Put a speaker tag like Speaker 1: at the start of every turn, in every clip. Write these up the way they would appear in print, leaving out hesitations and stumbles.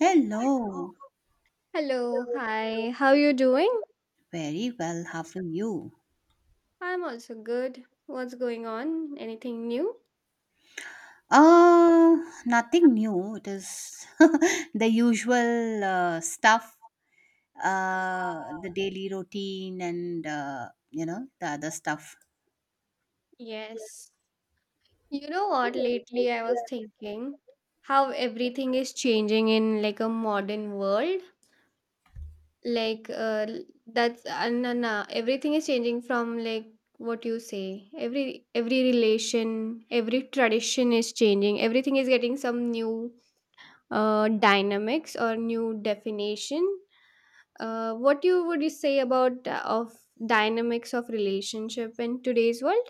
Speaker 1: Hello,
Speaker 2: Hello, hi. How you doing?
Speaker 1: very well. How are you?
Speaker 2: I'm also good. What's going on? Anything new?
Speaker 1: Uh, Nothing new. It is the usual stuff, the daily routine, and the other stuff.
Speaker 2: Yes. You know what? Lately I was thinking how everything is changing in like a modern world. Like l- that's no, no. Everything is changing from like what you say. Every relation, every tradition is changing. Everything is getting some new dynamics or new definition. What you would you say about of dynamics of relationship in today's world?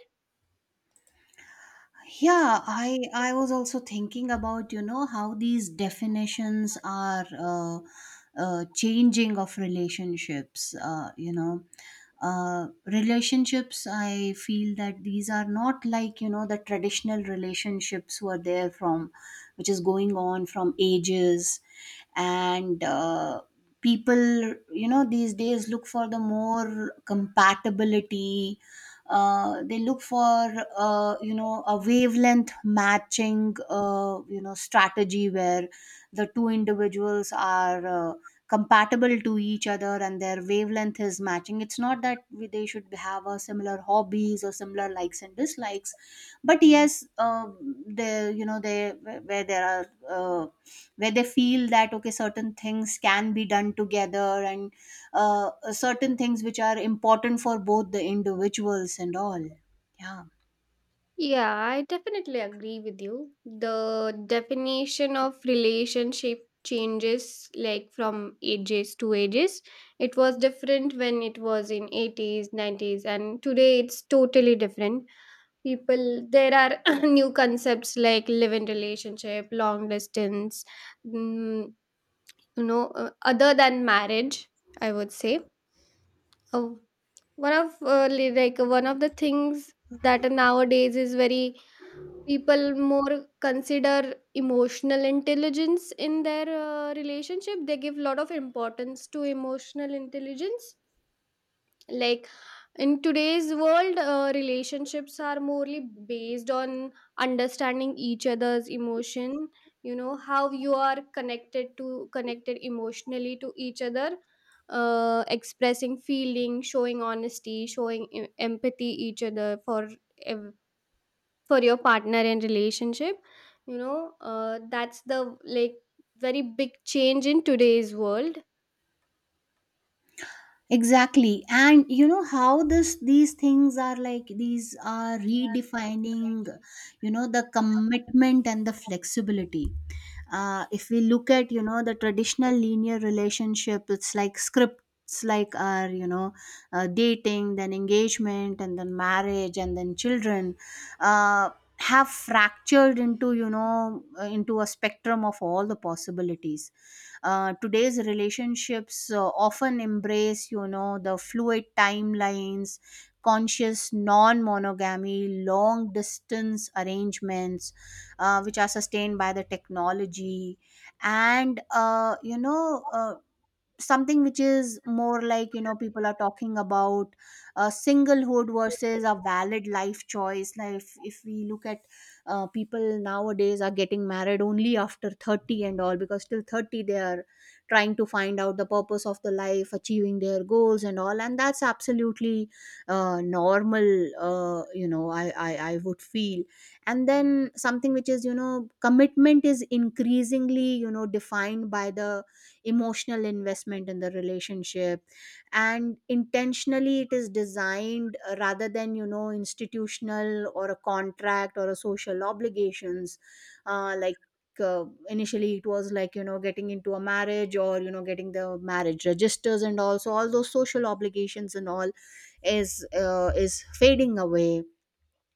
Speaker 1: Yeah, I was also thinking about how these definitions are changing of relationships, relationships. I feel that these are not like, the traditional relationships were there from which is going on from ages. And people, these days, look for the more compatibility. They look for a wavelength matching strategy where the two individuals are uh, compatible to each other and their wavelength is matching. It's not that they should have a similar hobbies or similar likes and dislikes, but yes, they, they, where there are, uh, where they feel that okay, certain things can be done together, and certain things which are important for both the individuals and all. Yeah.
Speaker 2: Yeah, I definitely agree with you. The definition of relationship changes like from ages to ages. It was different when it was in 80s, 90s and today it's totally different. People there are new concepts like live in relationship, long distance, mm, other than marriage I would say uh, like one of the things that nowadays is very people more consider emotional intelligence in their relationship. They give lot of importance to emotional intelligence like in today's world relationships are morely based on understanding each other's emotion. How you are connected emotionally to each other, expressing feeling, showing honesty, showing empathy each other for ev- for your partner in relationship. That's the like very big change in today's world.
Speaker 1: Exactly. And, how this these things are like, these are redefining, the commitment and the flexibility. If we look at, the traditional linear relationship, it's like scripts like our, dating, then engagement, and then marriage, and then children, uh, have fractured into, into a spectrum of all the possibilities. Today's relationships often embrace, the fluid timelines, conscious non-monogamy, long distance arrangements, which are sustained by the technology. And something which is more like, people are talking about, singlehood versus a valid life choice. Like if we look at, people nowadays are getting married only after 30 and all, because till 30 they are trying to find out the purpose of the life, achieving their goals and all. And that's absolutely normal, I would feel. And then, something which is, commitment is increasingly, defined by the emotional investment in the relationship, and intentionally it is designed, rather than, institutional or a contract or a social obligations. Like initially it was like, getting into a marriage, or getting the marriage registers and also all those social obligations and all is fading away.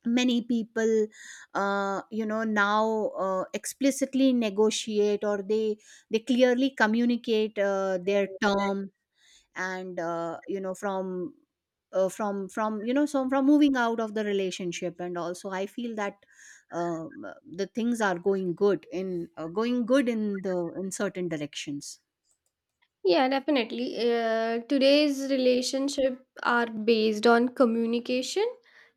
Speaker 1: Many people now explicitly negotiate, or they clearly communicate their term. And from so from moving out of the relationship. And also, I feel that um, the things are going good in, going good in the, in certain directions.
Speaker 2: Yeah, definitely. Today's relationship are based on communication.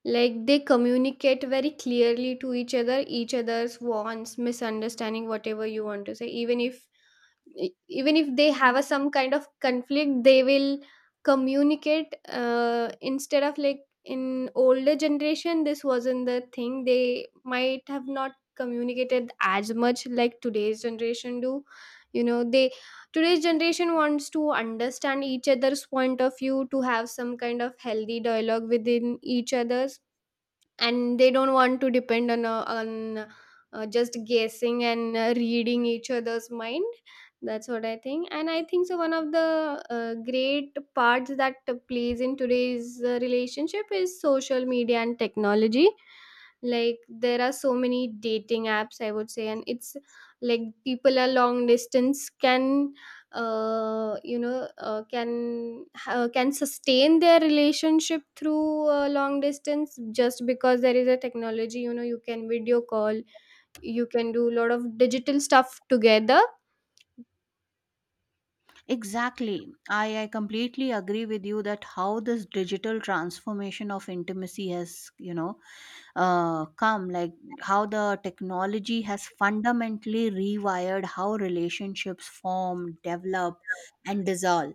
Speaker 2: Like they communicate very clearly to each other, each other's wants, misunderstanding, whatever you want to say. Even if they have a some kind of conflict, they will communicate, instead of like in older generation, this wasn't the thing. They might have not communicated as much like today's generation do. You know, they today's generation wants to understand each other's point of view, to have some kind of healthy dialogue within each other, and they don't want to depend on just guessing and reading each other's mind. That's what I think. And I think so one of the great parts that plays in today's relationship is social media and technology. Like there are so many dating apps, I would say. And it's like people are long distance can can sustain their relationship through long distance just because there is a technology. You know, you can video call, you can do a lot of digital stuff together.
Speaker 1: Exactly. I completely agree with you that how this digital transformation of intimacy has, come, like how the technology has fundamentally rewired how relationships form, develop, and dissolve.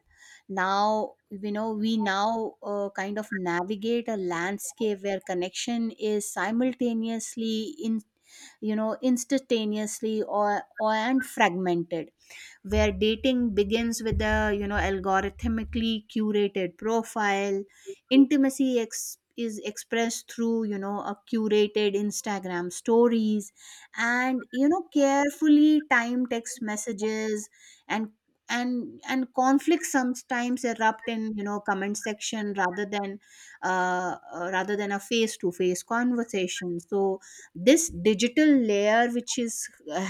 Speaker 1: Now, we now kind of navigate a landscape where connection is simultaneously in, instantaneously or and fragmented, where dating begins with a, algorithmically curated profile, intimacy is expressed through, a curated Instagram stories, and carefully timed text messages, and conflicts sometimes erupt in, comment section, rather than a face to face conversation. So this digital layer which is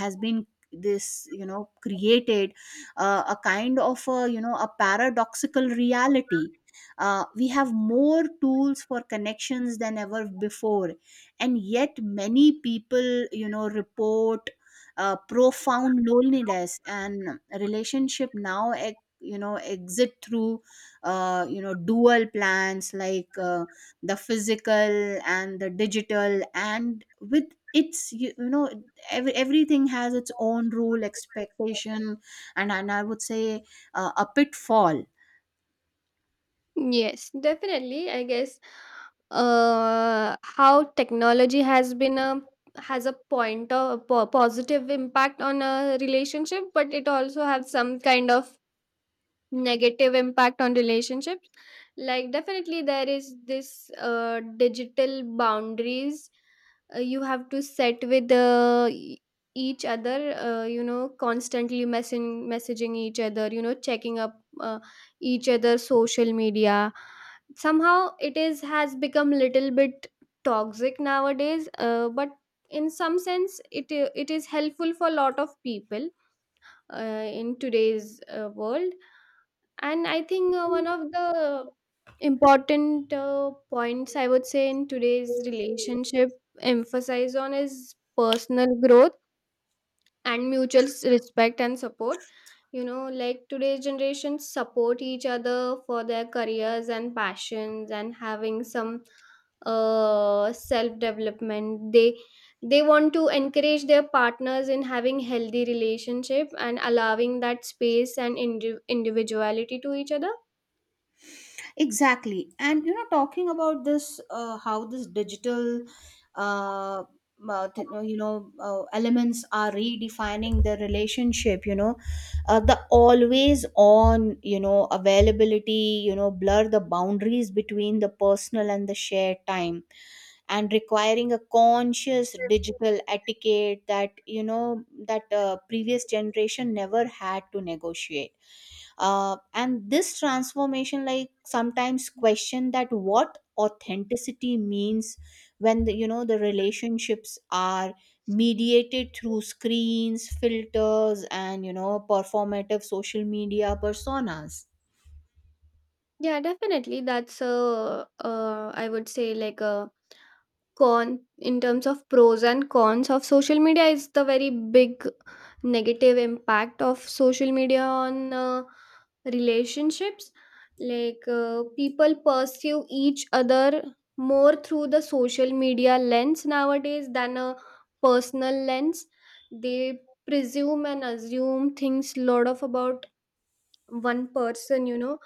Speaker 1: has been this, created a kind of a, a paradoxical reality. We have more tools for connections than ever before, and yet many people, report profound loneliness, and relationship now exit through dual plans, like the physical and the digital, and with its, everything has its own rule expectation, and I would say a pitfall.
Speaker 2: Yes, definitely. I guess how technology has been a has a point of positive impact on a relationship, but it also has some kind of negative impact on relationships. Like definitely there is this digital boundaries you have to set with each other. You know, constantly messaging each other, you know, checking up each other social media. Somehow it is has become little bit toxic nowadays, but in some sense it is helpful for a lot of people in today's world. And I think one of the important points I would say in today's relationship emphasize on is personal growth and mutual respect and support. You know, like today's generation support each other for their careers and passions and having some self development. They want to encourage their partners in having healthy relationship and allowing that space and individuality to each other.
Speaker 1: Exactly. And, talking about this, how this digital, uh, elements are redefining the relationship, the always on, availability, blur the boundaries between the personal and the shared time, and requiring a conscious digital etiquette, that you know that previous generation never had to negotiate. And this transformation, like, sometimes question that what authenticity means when the, the relationships are mediated through screens, filters, and, performative social media personas.
Speaker 2: Yeah, definitely. That's a I would say like a con in terms of pros and cons of social media is the very big negative impact of social media on relationships. Like people pursue each other more through the social media lens nowadays than a personal lens. They presume and assume things lot of about one person, you know.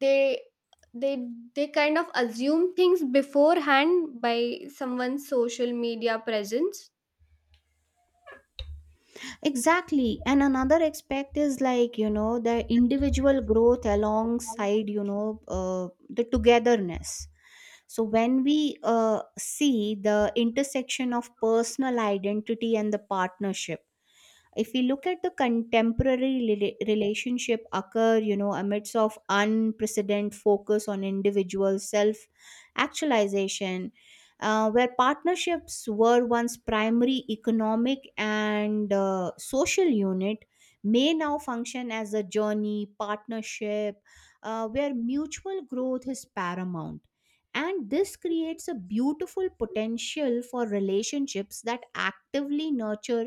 Speaker 2: they they they kind of assume things beforehand by someone's social media presence.
Speaker 1: Exactly. And another aspect is like, the individual growth alongside, the togetherness. So when we see the intersection of personal identity and the partnership, if we look at the contemporary relationship occur, amidst of unprecedented focus on individual self actualization, where partnerships were once primary economic and social unit, may now function as a journey partnership, where mutual growth is paramount. And this creates a beautiful potential for relationships that actively nurture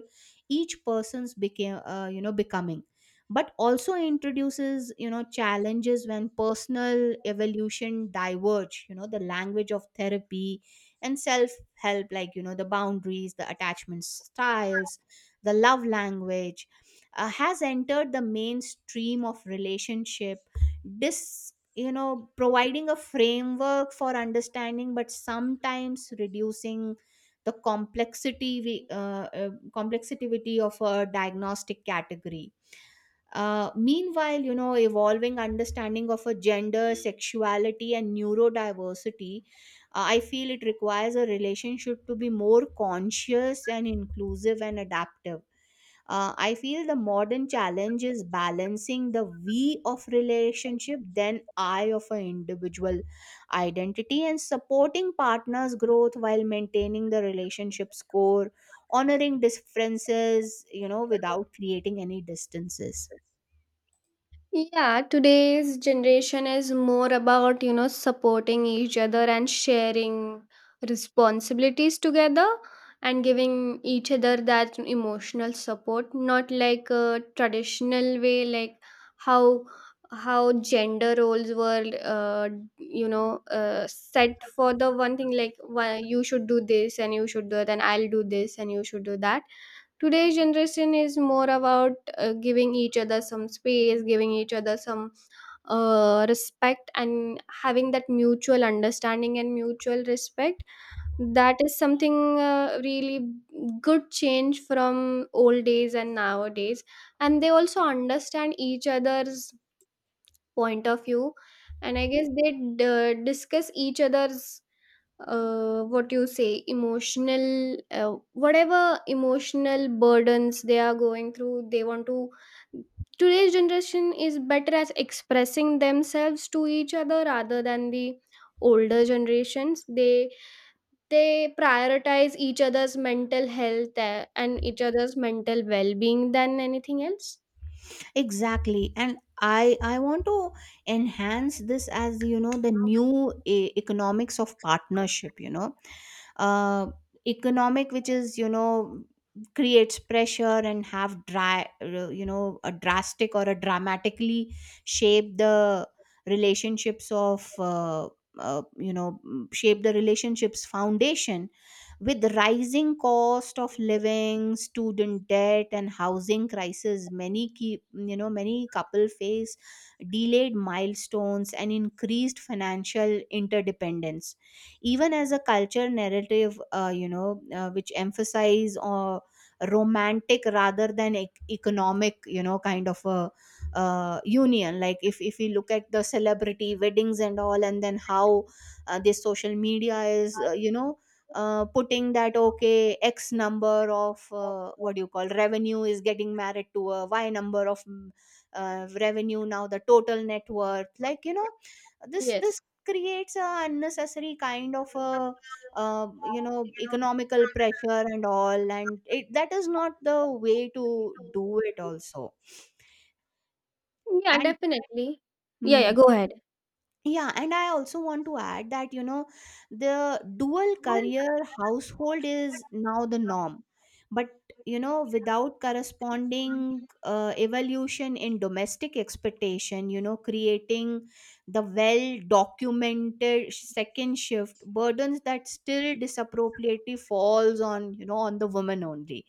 Speaker 1: each person's became you know becoming, but also introduces, challenges when personal evolution diverge. The language of therapy and self help, like, the boundaries, the attachment styles, the love language has entered the mainstream of relationship, this, providing a framework for understanding, but sometimes reducing the complexity of a diagnostic category. Meanwhile, evolving understanding of a gender, sexuality, and neurodiversity, I feel it requires a relationship to be more conscious and inclusive and adaptive. I feel the modern challenge is balancing the we of relationship then I of an individual identity, and supporting partners growth while maintaining the relationship's core, honoring differences, without creating any distances.
Speaker 2: Yeah, today's generation is more about, you know, supporting each other and sharing responsibilities together and giving each other that emotional support, not like a traditional way, like how how gender roles were set for the one thing, like why you should do this and you should do that and I'll do this and you should do that. Today's generation is more about giving each other some space, giving each other some respect and having that mutual understanding and mutual respect. That is something really good change from old days and nowadays. And they also understand each other's point of view. And I guess they discuss each other's what you say emotional whatever emotional burdens they are going through. They want to Today's generation is better at expressing themselves to each other rather than the older generations they Prioritize each other's mental health and each other's mental well-being than anything else.
Speaker 1: Exactly. And I want to enhance this as, the new economics of partnership, uh, economic, which is, creates pressure and have dry you know a drastic or a dramatically shape the relationships of you know shape the relationships foundation. With rising cost of living, student debt, and housing crisis, many keep you know many couple face delayed milestones and increased financial interdependence, even as a culture narrative, which emphasize romantic rather than economic, kind of a union. Like if we look at the celebrity weddings and all, and then how this social media is, putting that, okay, x number of what do you call revenue is getting married to a y number of revenue, now the total net worth, like, this
Speaker 2: Yes.
Speaker 1: this creates a unnecessary kind of a, economical pressure and all. And it, that is not the way to do it also.
Speaker 2: Yeah,
Speaker 1: And
Speaker 2: definitely. Yeah, yeah,
Speaker 1: hmm.
Speaker 2: go ahead.
Speaker 1: Yeah, and I also want to add that, the dual career household is now the norm. But, without corresponding evolution in domestic expectation, creating the well documented second shift burdens that still disappropriately falls on, on the woman only,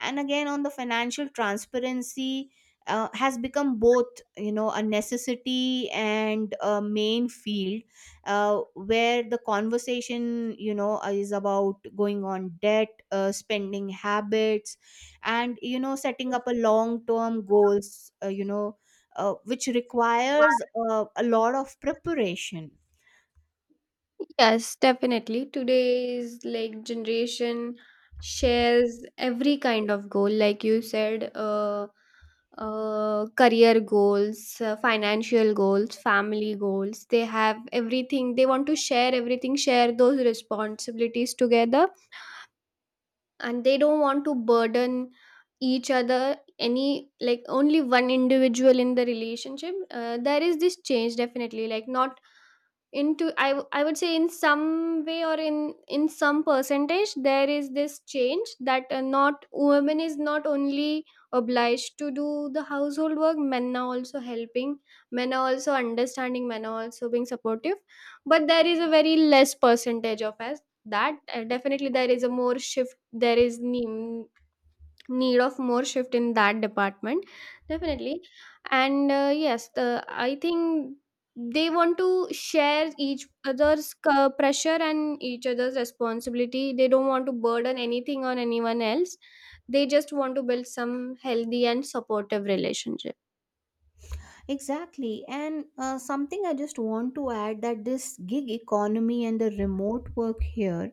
Speaker 1: and again on the financial transparency has become both, a necessity and a main field where the conversation, is about going on debt, spending habits, and setting up a long term goals, which requires a lot of preparation.
Speaker 2: Yes, definitely. Today's like generation shares every kind of goal, like you said, career goals, financial goals, family goals. They have everything. They want to share everything, share those responsibilities together, and they don't want to burden each other any like only one individual in the relationship. There is this change definitely like not I would say in some way or in some percentage there is this change that not women is not only obliged to do the household work. Men are also helping, men are also understanding, men are also being supportive. But there is a very less percentage of us that definitely there is a more shift. Need of more shift in that department, definitely. And yes, the I think they want to share each other's pressure and each other's responsibility. They don't want to burden anything on anyone else. They just want to build some healthy and supportive relationship.
Speaker 1: Exactly. And something I just want to add, that this gig economy and the remote work here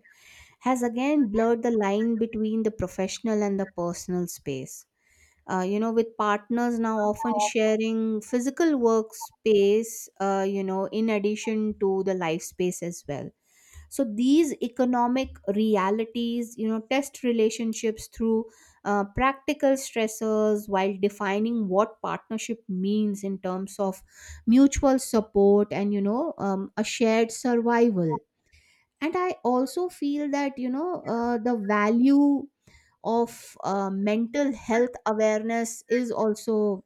Speaker 1: has again blurred the line between the professional and the personal space. With partners now often sharing physical workspace, in addition to the life space as well. So these economic realities, test relationships through practical stressors, while defining what partnership means in terms of mutual support, and, a shared survival. And I also feel that, the value of mental health awareness is also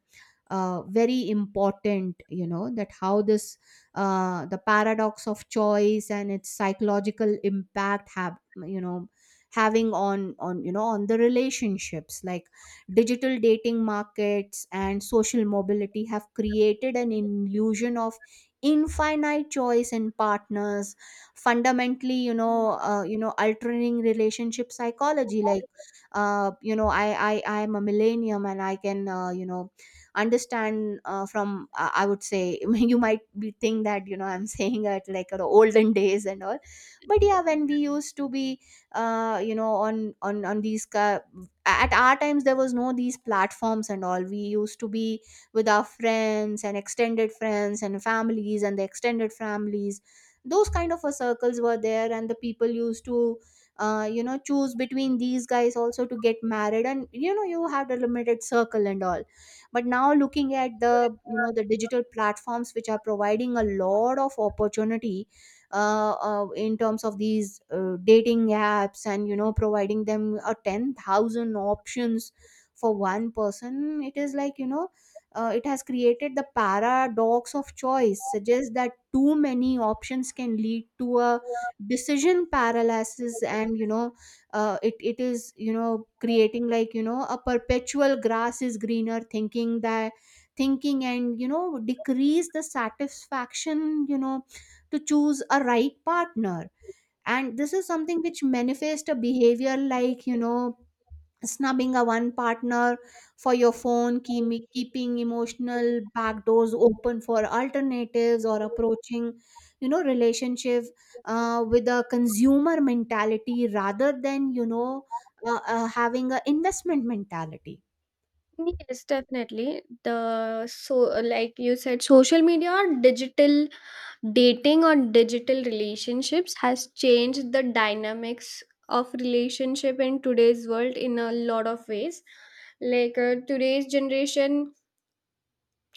Speaker 1: very important, that how this, the paradox of choice and its psychological impact have, you know having on you know on the relationships. Like digital dating markets and social mobility have created an illusion of infinite choice in partners, fundamentally, altering relationship psychology. Like, uh, you know i I am a millennium, and I can, understand, from I would say, you might be think that, I'm saying it like, the olden days and all. But yeah, when we used to be, on these at our times there was no these platforms and all, we used to be with our friends and extended friends and families, and the extended families, those kind of a circles were there. And the people used to choose between these guys also to get married, and, you have the limited circle and all. But now, looking at the, the digital platforms which are providing a lot of opportunity, in terms of these dating apps and providing them a 10,000 options for one person. It is like it has created the paradox of choice suggests that too many options can lead to a decision paralysis. And it is creating like a perpetual grass is greener thinking, and decrease the satisfaction, to choose a right partner. And this is something which manifests a behavior like, snubbing a one partner for your phone, keeping emotional back doors open for alternatives, or approaching, relationship with a consumer mentality rather than having a investment mentality.
Speaker 2: Yes, definitely. The so Like you said, social media or digital dating or digital relationships has changed the dynamics of relationship in today's world in a lot of ways. Like today's generation,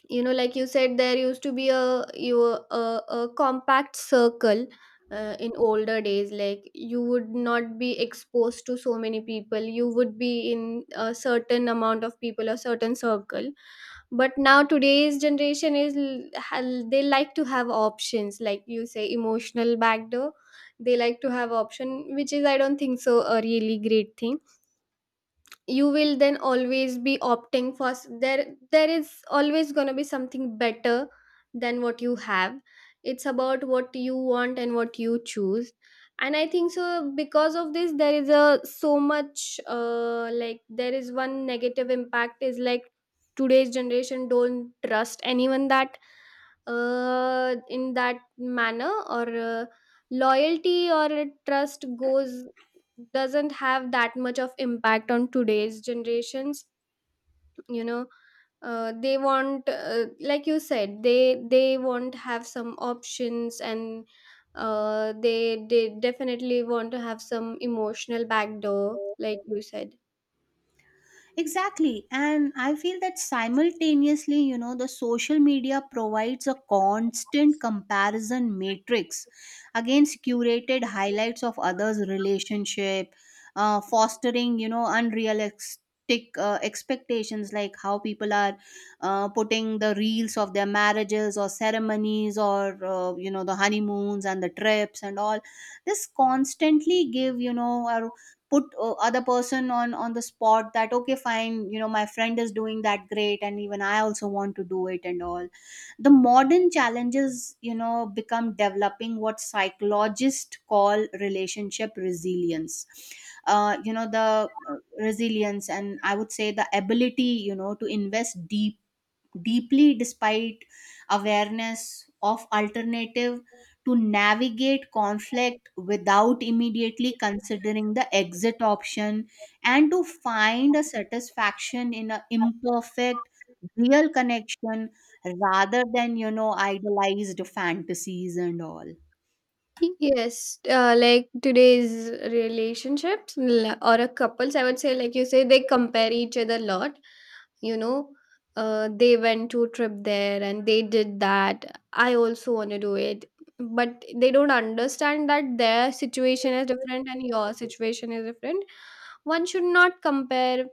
Speaker 2: you know, like you said, there used to be a compact circle in older days. Like you would not be exposed to so many people. You would be in a certain amount of people, a certain circle. But now today's generation is they like to have options, like you say, emotional backdoor. They like to have option, which is I don't think so a really great thing. You will then always be opting for there is always going to be something better than what you have. It's about what you want and what you choose. And I think so because of this there is a so much like there is one negative impact is like today's generation don't trust anyone that in that manner or loyalty or trust goes, doesn't have that much of impact on today's generations, you know. They want like you said, they won't have some options and they definitely want to have some emotional backdoor, like you said.
Speaker 1: Exactly. And I feel that simultaneously, the social media provides a constant comparison matrix against curated highlights of others' relationship, fostering, unrealistic expectations like how people are putting the reels of their marriages or ceremonies, or the honeymoons and the trips and all. This constantly give our put other person on the spot that okay fine, my friend is doing that great and even I also want to do it and all. The modern challenges, become developing what psychologists call relationship resilience, the resilience, and I would say the ability, to invest deeply despite awareness of alternative, to navigate conflict without immediately considering the exit option, and to find a satisfaction in an imperfect real connection rather than, idealized fantasies and all.
Speaker 2: Yes, like today's relationships or a couples, I would say, like you say, they compare each other a lot. You know, they went to a trip there and they did that. I also want to do it, but they don't understand that their situation is different and your situation is different. One should not compare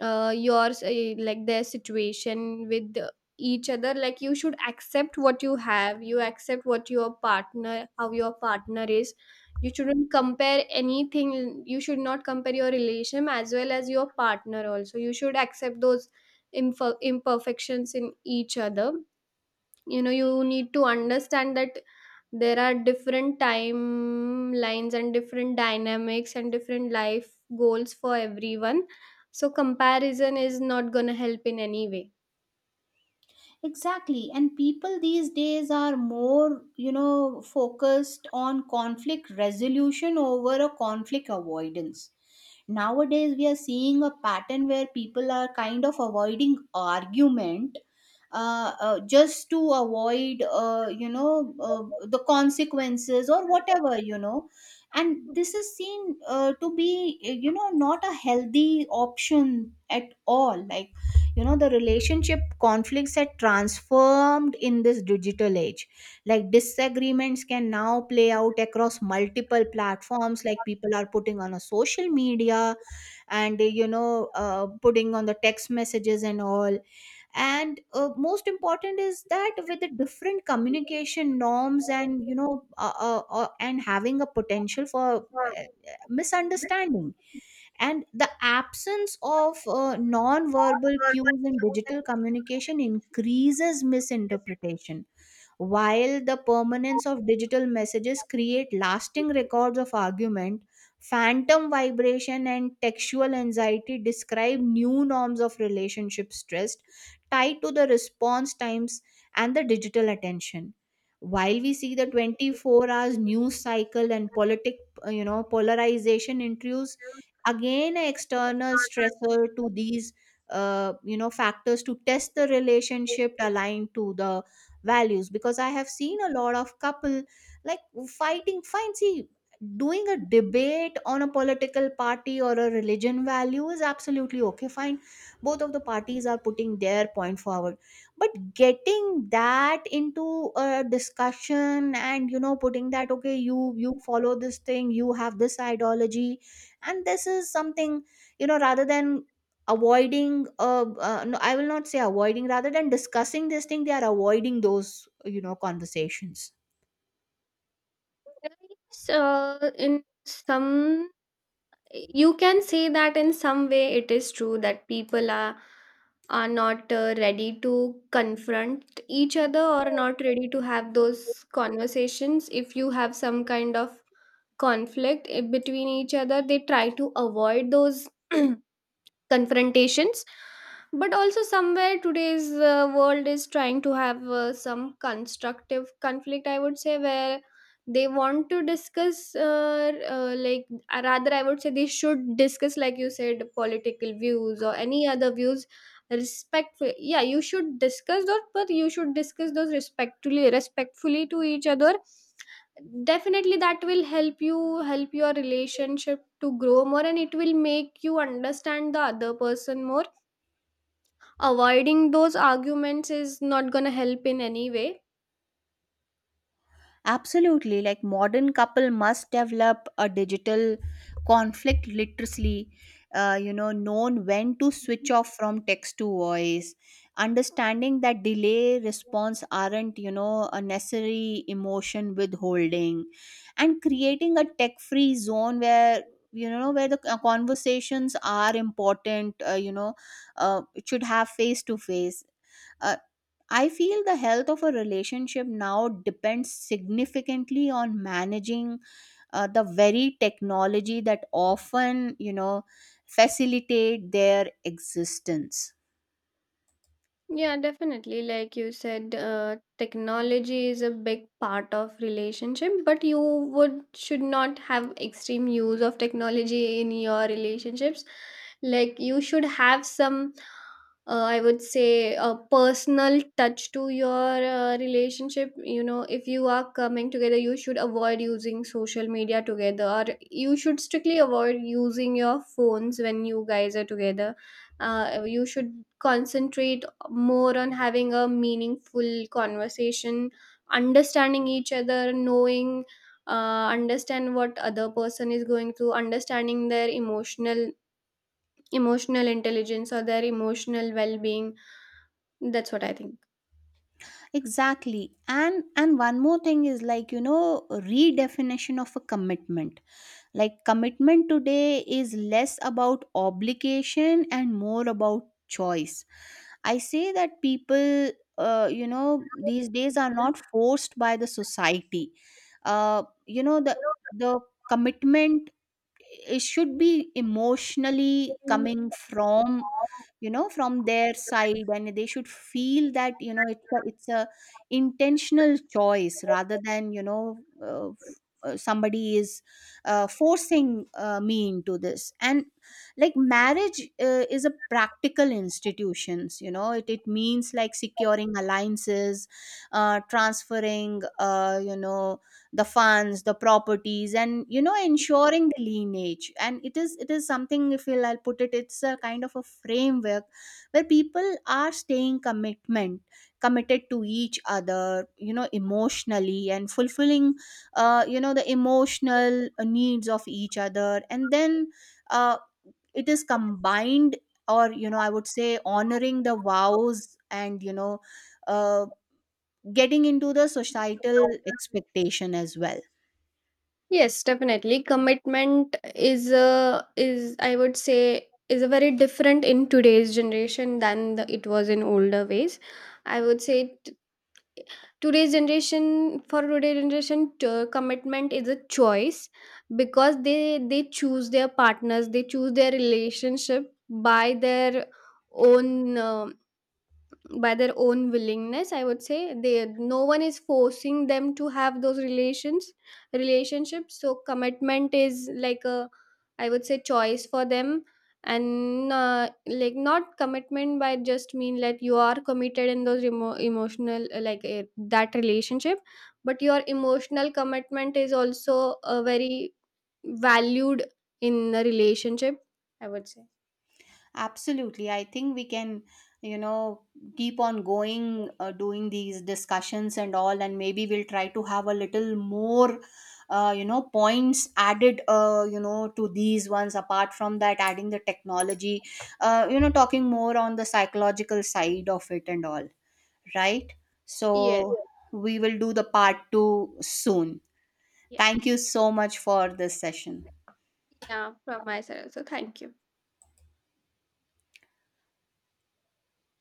Speaker 2: like their situation with each other. Like you should accept what you have, you accept what your partner, how your partner is. You shouldn't compare anything. You should not compare your relation as well as your partner also. You should accept those imperfections in each other. You know, you need to understand that there are different timelines and different dynamics and different life goals for everyone. So comparison is not gonna help in any way.
Speaker 1: Exactly. And people these days are more, focused on conflict resolution over a conflict avoidance. Nowadays, we are seeing a pattern where people are kind of avoiding argument, just to avoid, the consequences or whatever. And this is seen, to be, not a healthy option at all. Like, the relationship conflicts had transformed in this digital age, like disagreements can now play out across multiple platforms, like people are putting on a social media and, putting on the text messages and all. And most important is that with the different communication norms, and and having a potential for, uh, misunderstanding, and the absence of non-verbal cues in digital communication increases misinterpretation, while the permanence of digital messages create lasting records of argument. Phantom vibration and textual anxiety describe new norms of relationship stress tied to the response times and the digital attention. While we see the 24 hours news cycle and politic, polarization introduce again an external stressor to these, factors to test the relationship aligned to the values, because I have seen a lot of couple like fighting. Fine, see, doing a debate on a political party or a religion value is absolutely okay fine, both of the parties are putting their point forward. But getting that into a discussion and, putting that, okay, you follow this thing, you have this ideology, and this is something, rather than avoiding, no, I will not say avoiding, rather than discussing this thing, they are avoiding those, conversations.
Speaker 2: Yes, in some you can say that in some way it is true that people are not ready to confront each other or not ready to have those conversations. If you have some kind of conflict between each other, they try to avoid those confrontations. But also somewhere today's world is trying to have some constructive conflict, I would say, where they want to discuss rather I would say they should discuss, like you said, political views or any other views respectfully. Yeah, you should discuss those, but you should discuss those respectfully, respectfully to each other. Definitely that will help you, help your relationship to grow more, and it will make you understand the other person more. Avoiding those arguments is not going to help in any way.
Speaker 1: Absolutely, like modern couple must develop a digital conflict literacy, known when to switch off from text to voice, understanding that delay response aren't, a necessary emotion withholding, and creating a tech-free zone, where you know where the conversations are important. It should have face to face. uh, I feel the health of a relationship now depends significantly on managing, the very technology that often, facilitate their existence.
Speaker 2: Yeah, definitely. Like you said, technology is a big part of relationship, but you would should not have extreme use of technology in your relationships. Like you should have some, I would say, a personal touch to your relationship. You know, if you are coming together, you should avoid using social media together, or you should strictly avoid using your phones when you guys are together. You should concentrate more on having a meaningful conversation, understanding each other, knowing, understand what other person is going through, understanding their emotional intelligence or their emotional well-being. That's what I think.
Speaker 1: Exactly. And one more thing is like, redefinition of a commitment. Like commitment today is less about obligation and more about choice. I say that people, these days are not forced by the society. Uh, you know, the the commitment, it should be emotionally coming from, from their side, and they should feel that, it's a intentional choice rather than somebody is forcing me into this. And like, marriage is a practical institutions. It means like securing alliances, transferring, the funds, the properties, and ensuring the lineage. And it is something, if you'll, I'll put it, it's a kind of a framework where people are staying commitment committed to each other, emotionally, and fulfilling, the emotional needs of each other. And then uh, it is combined, or I would say, honoring the vows, and uh, getting into the societal expectation as well.
Speaker 2: Yes, definitely. Commitment is a is I would say is a very different in today's generation than the, it was in older ways, I would say. Today's generation, for today's generation, commitment is a choice because they choose their partners, they choose their relationship by their own, um, by their own willingness, I would say. They No one is forcing them to have those relationships. So commitment is like a, I would say, choice for them. And like not commitment by just mean like you are committed in those emotional that relationship, but your emotional commitment is also a very valued in a relationship, I would say.
Speaker 1: Absolutely. I think we can, you know, keep on going, doing these discussions and all, and maybe we'll try to have a little more, points added, to these ones. Apart from that, adding the technology, talking more on the psychological side of it and all, right?
Speaker 2: Yes.
Speaker 1: So we will do the part two soon.
Speaker 2: Yes.
Speaker 1: Thank you so much for this session.
Speaker 2: Yeah, from my side, so thank you.